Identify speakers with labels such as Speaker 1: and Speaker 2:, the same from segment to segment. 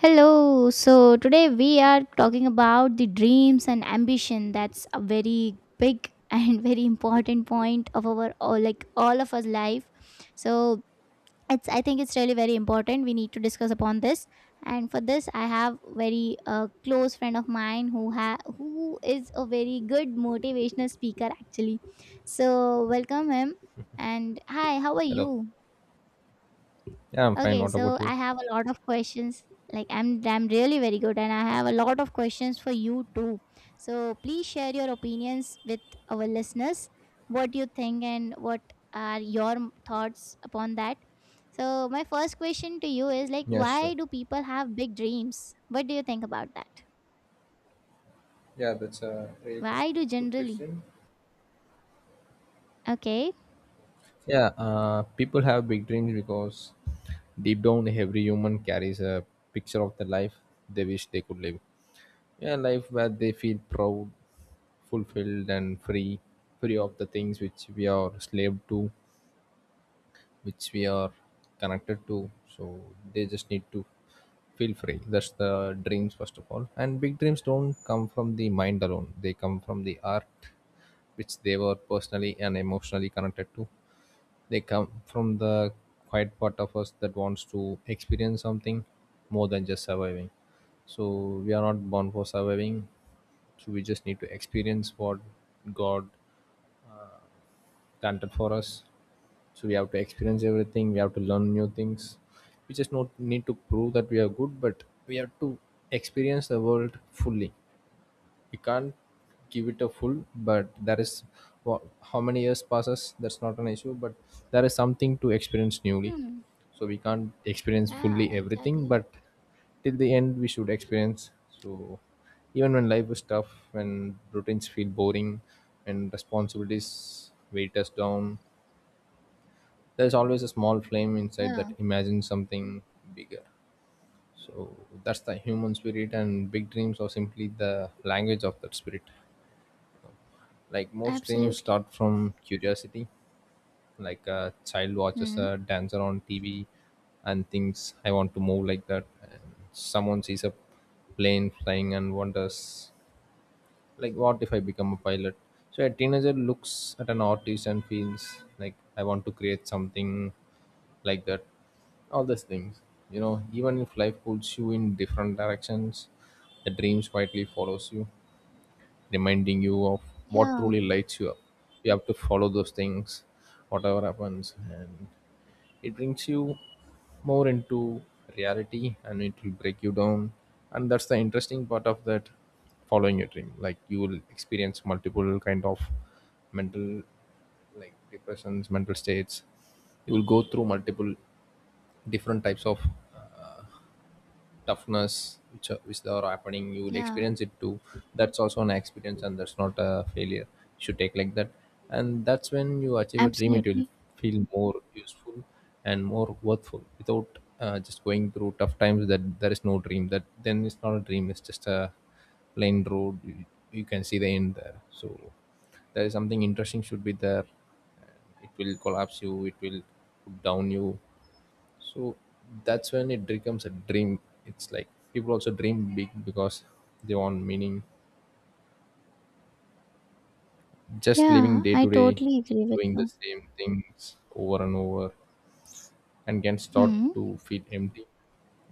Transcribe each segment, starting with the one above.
Speaker 1: Hello. So today we are talking about the dreams and ambition. That's a very big and very important point of our all like all of us life. So it's I think it's really very important. We need to discuss upon this. And for this, I have very close friend of mine who is a very good motivational speaker actually. So welcome him. And hi, how are
Speaker 2: Hello.
Speaker 1: you?
Speaker 2: Yeah, I'm fine.
Speaker 1: Okay,
Speaker 2: What about
Speaker 1: so
Speaker 2: you?
Speaker 1: I have a lot of questions. Like I'm really very good and I have a lot of questions for you too. So please share your opinions with our listeners. What you think and what are your thoughts upon that? So my first question to you is like,
Speaker 2: Yeah,
Speaker 1: why
Speaker 2: sure.
Speaker 1: do people have big dreams? What do you think about that?
Speaker 2: Yeah, that's a really good,
Speaker 1: Why do
Speaker 2: good
Speaker 1: generally?
Speaker 2: question.
Speaker 1: Okay.
Speaker 2: Yeah, people have big dreams because deep down, every human carries a picture of the life they wish they could live. Yeah, life where they feel proud, fulfilled, and free, free of the things which we are slave to. Which we are connected to, so they just need to feel free. That's the dreams first of all. And big dreams don't come from the mind alone, they come from the art which they were personally and emotionally connected to. They come from the quiet part of us that wants to experience something more than just surviving. So we are not born for surviving, so we just need to experience what God planted for us. So we have to experience everything. We have to learn new things. We just not need to prove that we are good, but we have to experience the world fully. We can't give it a full, but there is how many years passes. That's not an issue, but there is something to experience newly.
Speaker 1: Hmm.
Speaker 2: So we can't experience
Speaker 1: Yeah,
Speaker 2: fully everything,
Speaker 1: exactly.
Speaker 2: but till the end we should experience. So even when life is tough, when routines feel boring, and responsibilities weight us down, there's always a small flame inside
Speaker 1: Yeah.
Speaker 2: that imagines something bigger. So that's the human spirit, and big dreams are simply the language of that spirit. Like most dreams
Speaker 1: Absolutely.
Speaker 2: start from curiosity. Like a child watches
Speaker 1: Hmm.
Speaker 2: a dancer on TV and thinks I want to move like that. And someone sees a plane flying and wonders, like, what if I become a pilot. So a teenager looks at an artist and feels like I want to create something like that. All those things, you know, even if life pulls you in different directions, the dreams quietly follows you, reminding you of what
Speaker 1: Yeah,
Speaker 2: truly lights you up. You have to follow those things whatever happens, and it brings you more into reality and it will break you down. And that's the interesting part of that, following your dream. Like you will experience multiple kind of mental, like depressions, mental states. You will go through multiple different types of uh, toughness which are happening. You will
Speaker 1: yeah,
Speaker 2: experience it too. That's also an experience, and that's not a failure. You should take like that. And that's when you achieve a dream, it will
Speaker 1: absolutely.
Speaker 2: feel more useful and more worthful without just going through tough times. That there is no dream, that then it's not a dream, it's just a plain road. You can see the end there, so there is something interesting should be there. It will collapse you, it will put down you. So that's when it becomes a dream. It's like people also dream big because they want meaning. Just living
Speaker 1: Yeah,
Speaker 2: day
Speaker 1: I
Speaker 2: to day,
Speaker 1: totally agree with
Speaker 2: doing the
Speaker 1: you.
Speaker 2: same things over and over, and can start
Speaker 1: Hmm.
Speaker 2: to feel empty,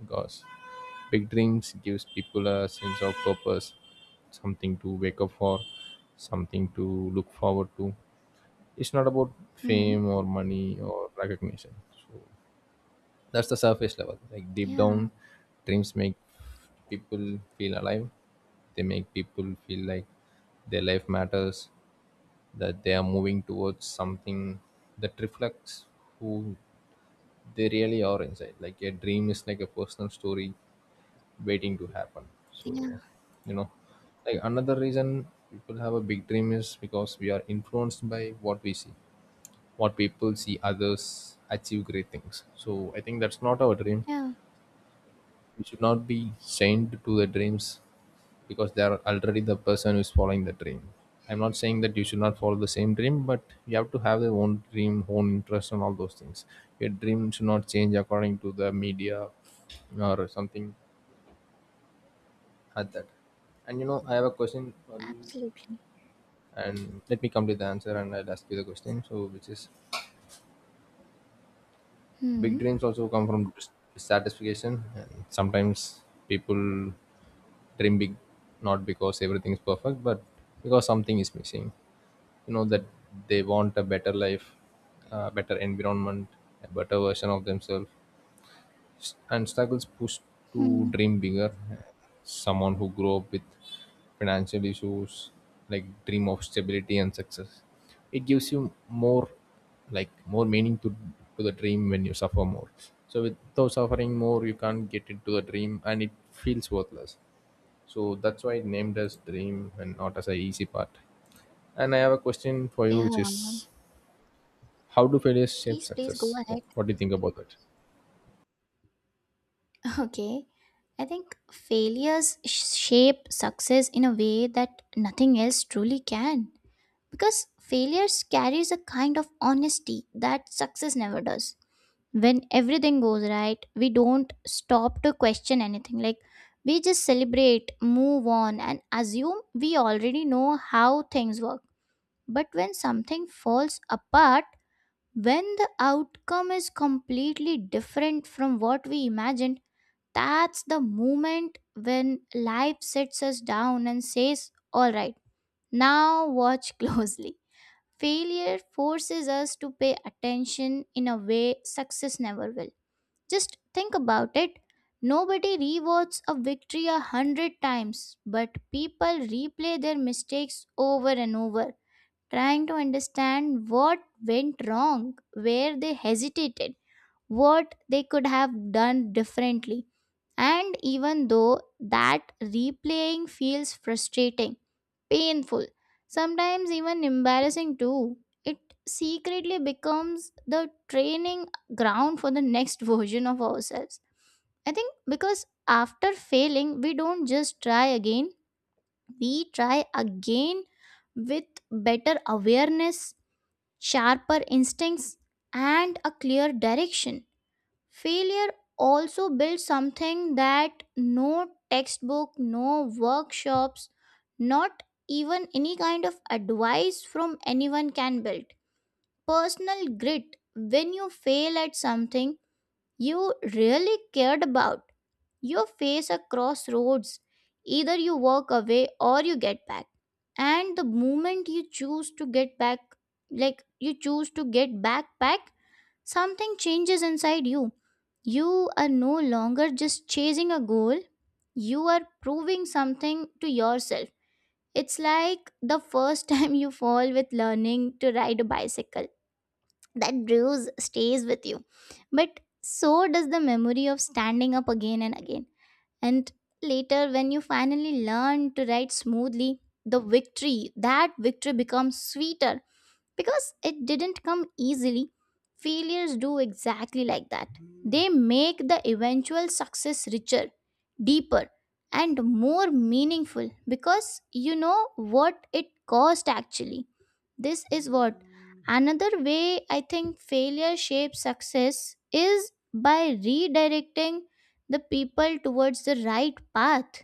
Speaker 2: because big dreams gives people a sense of purpose, something to wake up for, something to look forward to. It's not about
Speaker 1: Hmm.
Speaker 2: fame or money or recognition. That's the surface level. Like deep
Speaker 1: Yeah,
Speaker 2: down, dreams make people feel alive. They make people feel like their life matters, that they are moving towards something that reflects who they really are inside. Like a dream is like a personal story waiting to happen.
Speaker 1: yeah,
Speaker 2: So, you know, like another reason people have a big dream is because we are influenced by what we see, what people see others achieve great things. So I think that's not our dream.
Speaker 1: yeah,
Speaker 2: We should not be chained to the dreams, because they are already the person who's following the dream. I'm not saying that you should not follow the same dream, but you have to have their own dream, own interest, and all those things. Your dream should not change according to the media or something like that. And you know I have a question for you,
Speaker 1: absolutely.
Speaker 2: and let me come to the answer and I'll ask you the question, so which is big
Speaker 1: Hmm.
Speaker 2: dreams also come from satisfaction. And sometimes people dream big not because everything is perfect, but because something is missing. You know that they want a better life, a better environment, a better version of themselves, and struggles push to
Speaker 1: Hmm.
Speaker 2: dream bigger. Someone who grew up with financial issues, like dream of stability and success. It gives you more, like more meaning to the dream when you suffer more. So without suffering more, you can't get into the dream, and it feels worthless. So that's why it named as dream and not as a easy part. And I have a question for you,
Speaker 1: Yeah.
Speaker 2: which is, how do failures shape
Speaker 1: Please, please go
Speaker 2: success? What,
Speaker 1: ahead.
Speaker 2: what do you think about that?
Speaker 1: Okay. I think failures shape success in a way that nothing else truly can. Because failures carries a kind of honesty that success never does. When everything goes right, we don't stop to question anything. Like, we just celebrate, move on and assume we already know how things work. But when something falls apart, when the outcome is completely different from what we imagined, that's the moment when life sits us down and says, all right, now watch closely. Failure forces us to pay attention in a way success never will. Just think about it. Nobody rewards a victory 100 times, but people replay their mistakes over and over, trying to understand what went wrong, where they hesitated, what they could have done differently. And even though that replaying feels frustrating, painful, sometimes even embarrassing too, it secretly becomes the training ground for the next version of ourselves. I think because after failing, we don't just try again, we try again with better awareness, sharper instincts, and a clear direction. Failure also builds something that no textbook, no workshops, not even any kind of advice from anyone can build. Personal grit. When you fail at something you really cared about, you face a crossroads. Either you walk away or you get back. And the moment you choose to get back, like you choose to get back back, something changes inside you. You are no longer just chasing a goal, you are proving something to yourself. It's like the first time you fall with learning to ride a bicycle. That bruise stays with you. But so does the memory of standing up again and again. And later, when you finally learn to ride smoothly, the victory, that victory becomes sweeter because it didn't come easily. Failures do exactly like that. They make the eventual success richer, deeper and more meaningful, because you know what it cost actually. This is what, another way I think failure shapes success is by redirecting the people towards the right path.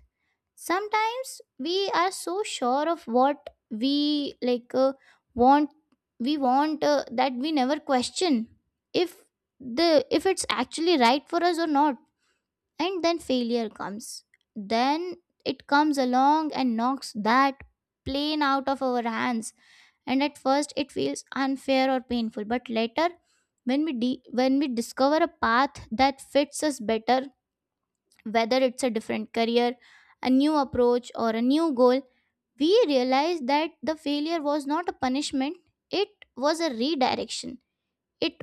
Speaker 1: Sometimes we are so sure of what we like want, we want that we never question if the if it's actually right for us or not. And then failure comes, then it comes along and knocks that plane out of our hands. And at first it feels unfair or painful, but later, when we discover a path that fits us better, whether it's a different career, a new approach, or a new goal, we realized that the failure was not a punishment, it was a redirection. It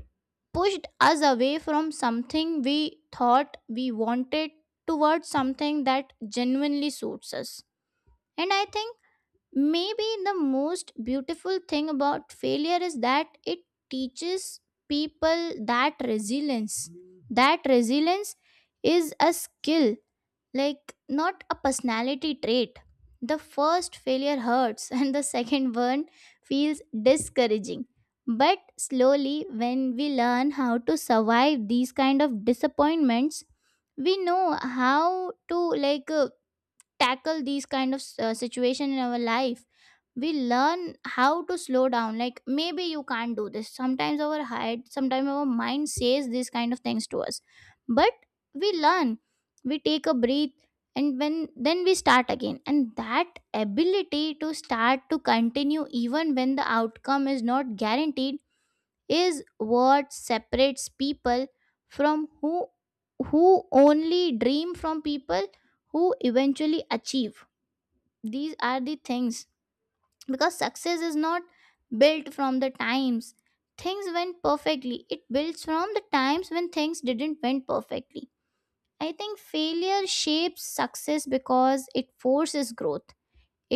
Speaker 1: pushed us away from something we thought we wanted towards something that genuinely suits us. And I think maybe the most beautiful thing about failure is that it teaches people that resilience. That resilience is a skill, like not a personality trait. The first failure hurts and the second one feels discouraging, but slowly when we learn how to survive these kind of disappointments, we know how to like tackle these kind of situation in our life. We learn how to slow down, like maybe you can't do this, sometimes our head, sometimes our mind says these kind of things to us. But we learn, we take a breath, and when then we start again. And that ability to start, to continue even when the outcome is not guaranteed is what separates people from who only dream, from people who eventually achieve. These are the things, because success is not built from the times things went perfectly, it builds from the times when things didn't went perfectly. I think failure shapes success because it forces growth.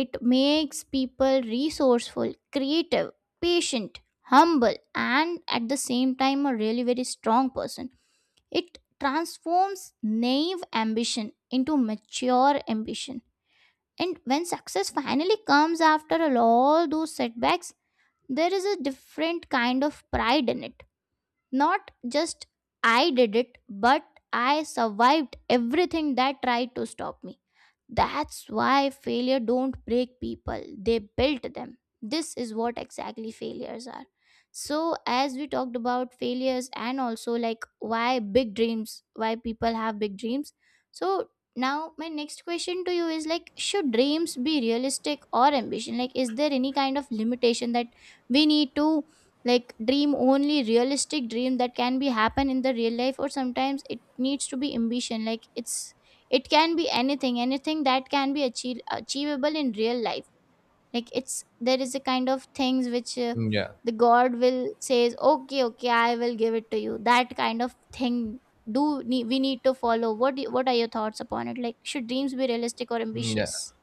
Speaker 1: It makes people resourceful, creative, patient, humble, and at the same time a really very strong person. It transforms naive ambition into mature ambition. And when success finally comes after all those setbacks, there is a different kind of pride in it. Not just I did it, but I survived everything that tried to stop me. That's why failure don't break people, they build them. This is what exactly failures are. So as we talked about failures and also like why big dreams, why people have big dreams. So now my next question to you is, like, should dreams be realistic or ambition? Like, is there any kind of limitation that we need to, like, dream only realistic dream that can be happen in the real life, or sometimes it needs to be ambition? Like it's, it can be anything, anything that can be achievable in real life. Like it's, there is a kind of things which
Speaker 2: Mm, yeah.
Speaker 1: the god will says, okay, okay, I will give it to you, that kind of thing. Do we need to follow? What are your thoughts upon it? Like, should dreams be realistic or
Speaker 2: Mm, yeah.
Speaker 1: ambitious?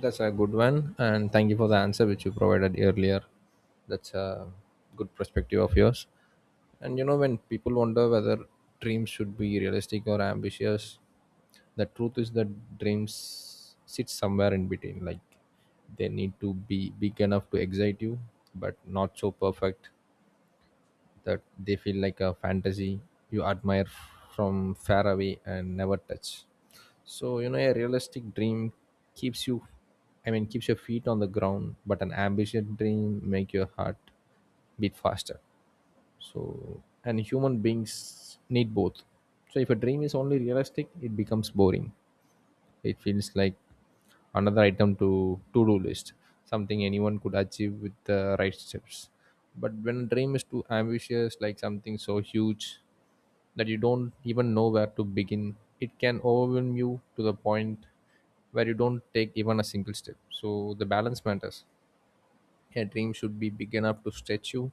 Speaker 2: That's a good one, and thank you for the answer which you provided earlier. That's a good perspective of yours. And you know, when people wonder whether dreams should be realistic or ambitious, the truth is that dreams sit somewhere in between. Like they need to be big enough to excite you, but not so perfect that they feel like a fantasy you admire from far away and never touch. So you know a realistic dream keeps you, I mean keeps your feet on the ground, but an ambitious dream make your heart beat faster. So and human beings need both. So if a dream is only realistic, it becomes boring. It feels like another item to to-do list, something anyone could achieve with the right steps. But when a dream is too ambitious, like something so huge that you don't even know where to begin, it can overwhelm you to the point where you don't take even a single step. So the balance matters. A dream should be big enough to stretch you,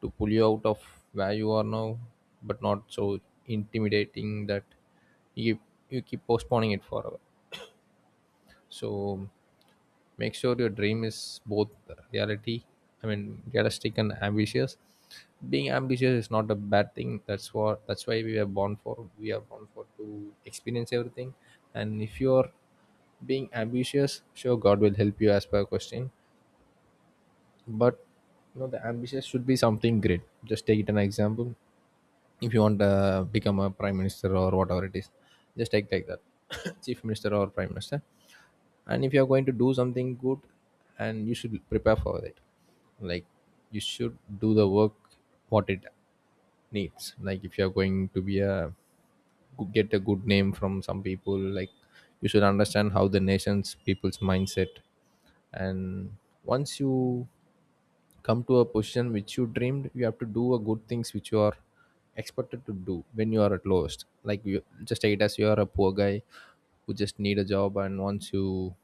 Speaker 2: to pull you out of where you are now, but not so intimidating that you you keep postponing it forever. So make sure your dream is both reality, I mean realistic and ambitious. Being ambitious is not a bad thing. That's what that's why we are born for. We are born for to experience everything. And if you're being ambitious, sure God will help you as per question. But you know the ambitious should be something great. Just take it an example. If you want to become a prime minister or whatever it is, just take like that, chief minister or prime minister, and if you're going to do something good, and you should prepare for it. Like you should do the work what it needs. Like if you're going to be a get a good name from some people, like you should understand how the nation's people's mindset. And once you come to a position which you dreamed, you have to do a good things which you are expected to do when you are at lowest. Like you just take it as you are a poor guy who just need a job, and once you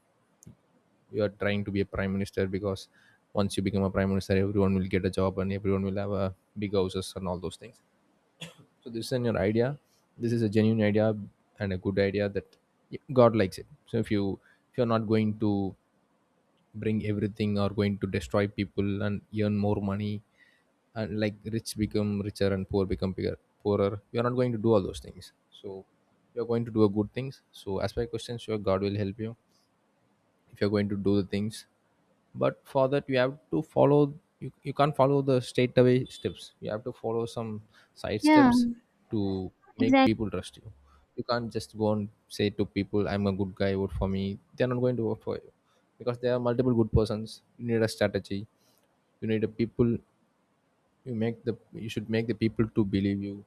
Speaker 2: you are trying to be a prime minister, because once you become a prime minister everyone will get a job and everyone will have a big houses and all those things. So this is your idea, this is a genuine idea and a good idea, that God likes it. So if you, if you're not going to bring everything or going to destroy people and earn more money, and like rich become richer and poor become bigger, poorer, you're not going to do all those things. So you're going to do a good things, so as per questions sure God will help you if you're going to do the things. But for that you have to follow, you can't follow the straightaway steps, you have to follow some side
Speaker 1: Yeah,
Speaker 2: steps to make
Speaker 1: exactly.
Speaker 2: people trust you. You can't just go and say to people I'm a good guy, vote for me. They're not going to vote for you, because there are multiple good persons. You need a strategy, you need a people. You make the, you should make the people to believe you.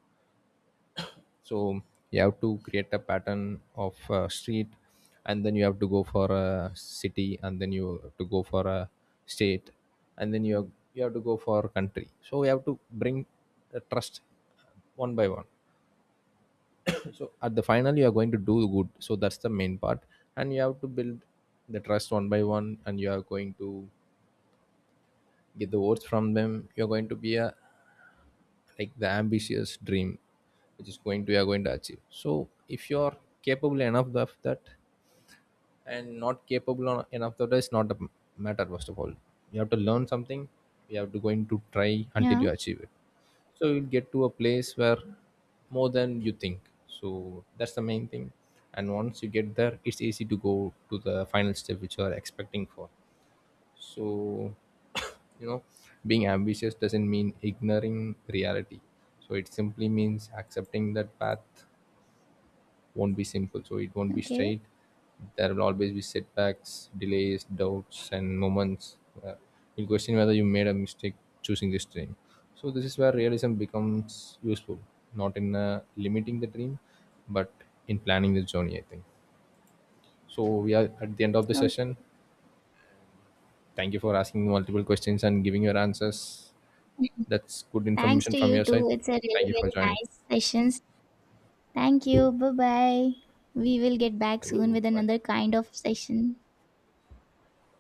Speaker 2: So you have to create a pattern of street, and then you have to go for a city, and then you have to go for a state, and then you have to go for country. So you have to bring the trust one by one. So at the final you are going to do good, so that's the main part. And you have to build the trust one by one, and you are going to get the votes from them. You're going to be a, like the ambitious dream which is going to, you are going to achieve. So if you are capable enough of that, and not capable enough of that, it's not a matter. First of all, you have to learn something, you have to going to try until
Speaker 1: Yeah.
Speaker 2: you achieve it. So you'll get to a place where more than you think. So that's the main thing. And once you get there, it's easy to go to the final step which you are expecting for. So you know, being ambitious doesn't mean ignoring reality. So it simply means accepting that path won't be simple, so it won't be
Speaker 1: Okay,
Speaker 2: straight. There will always be setbacks, delays, doubts, and moments where you question whether you made a mistake choosing this dream. So this is where realism becomes useful, not in limiting the dream, but in planning the journey I think. So we are at the end of the
Speaker 1: okay.
Speaker 2: session. Thank you for asking multiple questions and giving your answers. That's good
Speaker 1: Thanks
Speaker 2: information
Speaker 1: to
Speaker 2: from
Speaker 1: you
Speaker 2: your side.
Speaker 1: too. It's a
Speaker 2: Thank
Speaker 1: really
Speaker 2: you for
Speaker 1: very
Speaker 2: joining.
Speaker 1: nice sessions. Thank you. Bye bye. We will get back
Speaker 2: Thank
Speaker 1: soon
Speaker 2: you.
Speaker 1: with
Speaker 2: Bye.
Speaker 1: another kind of session.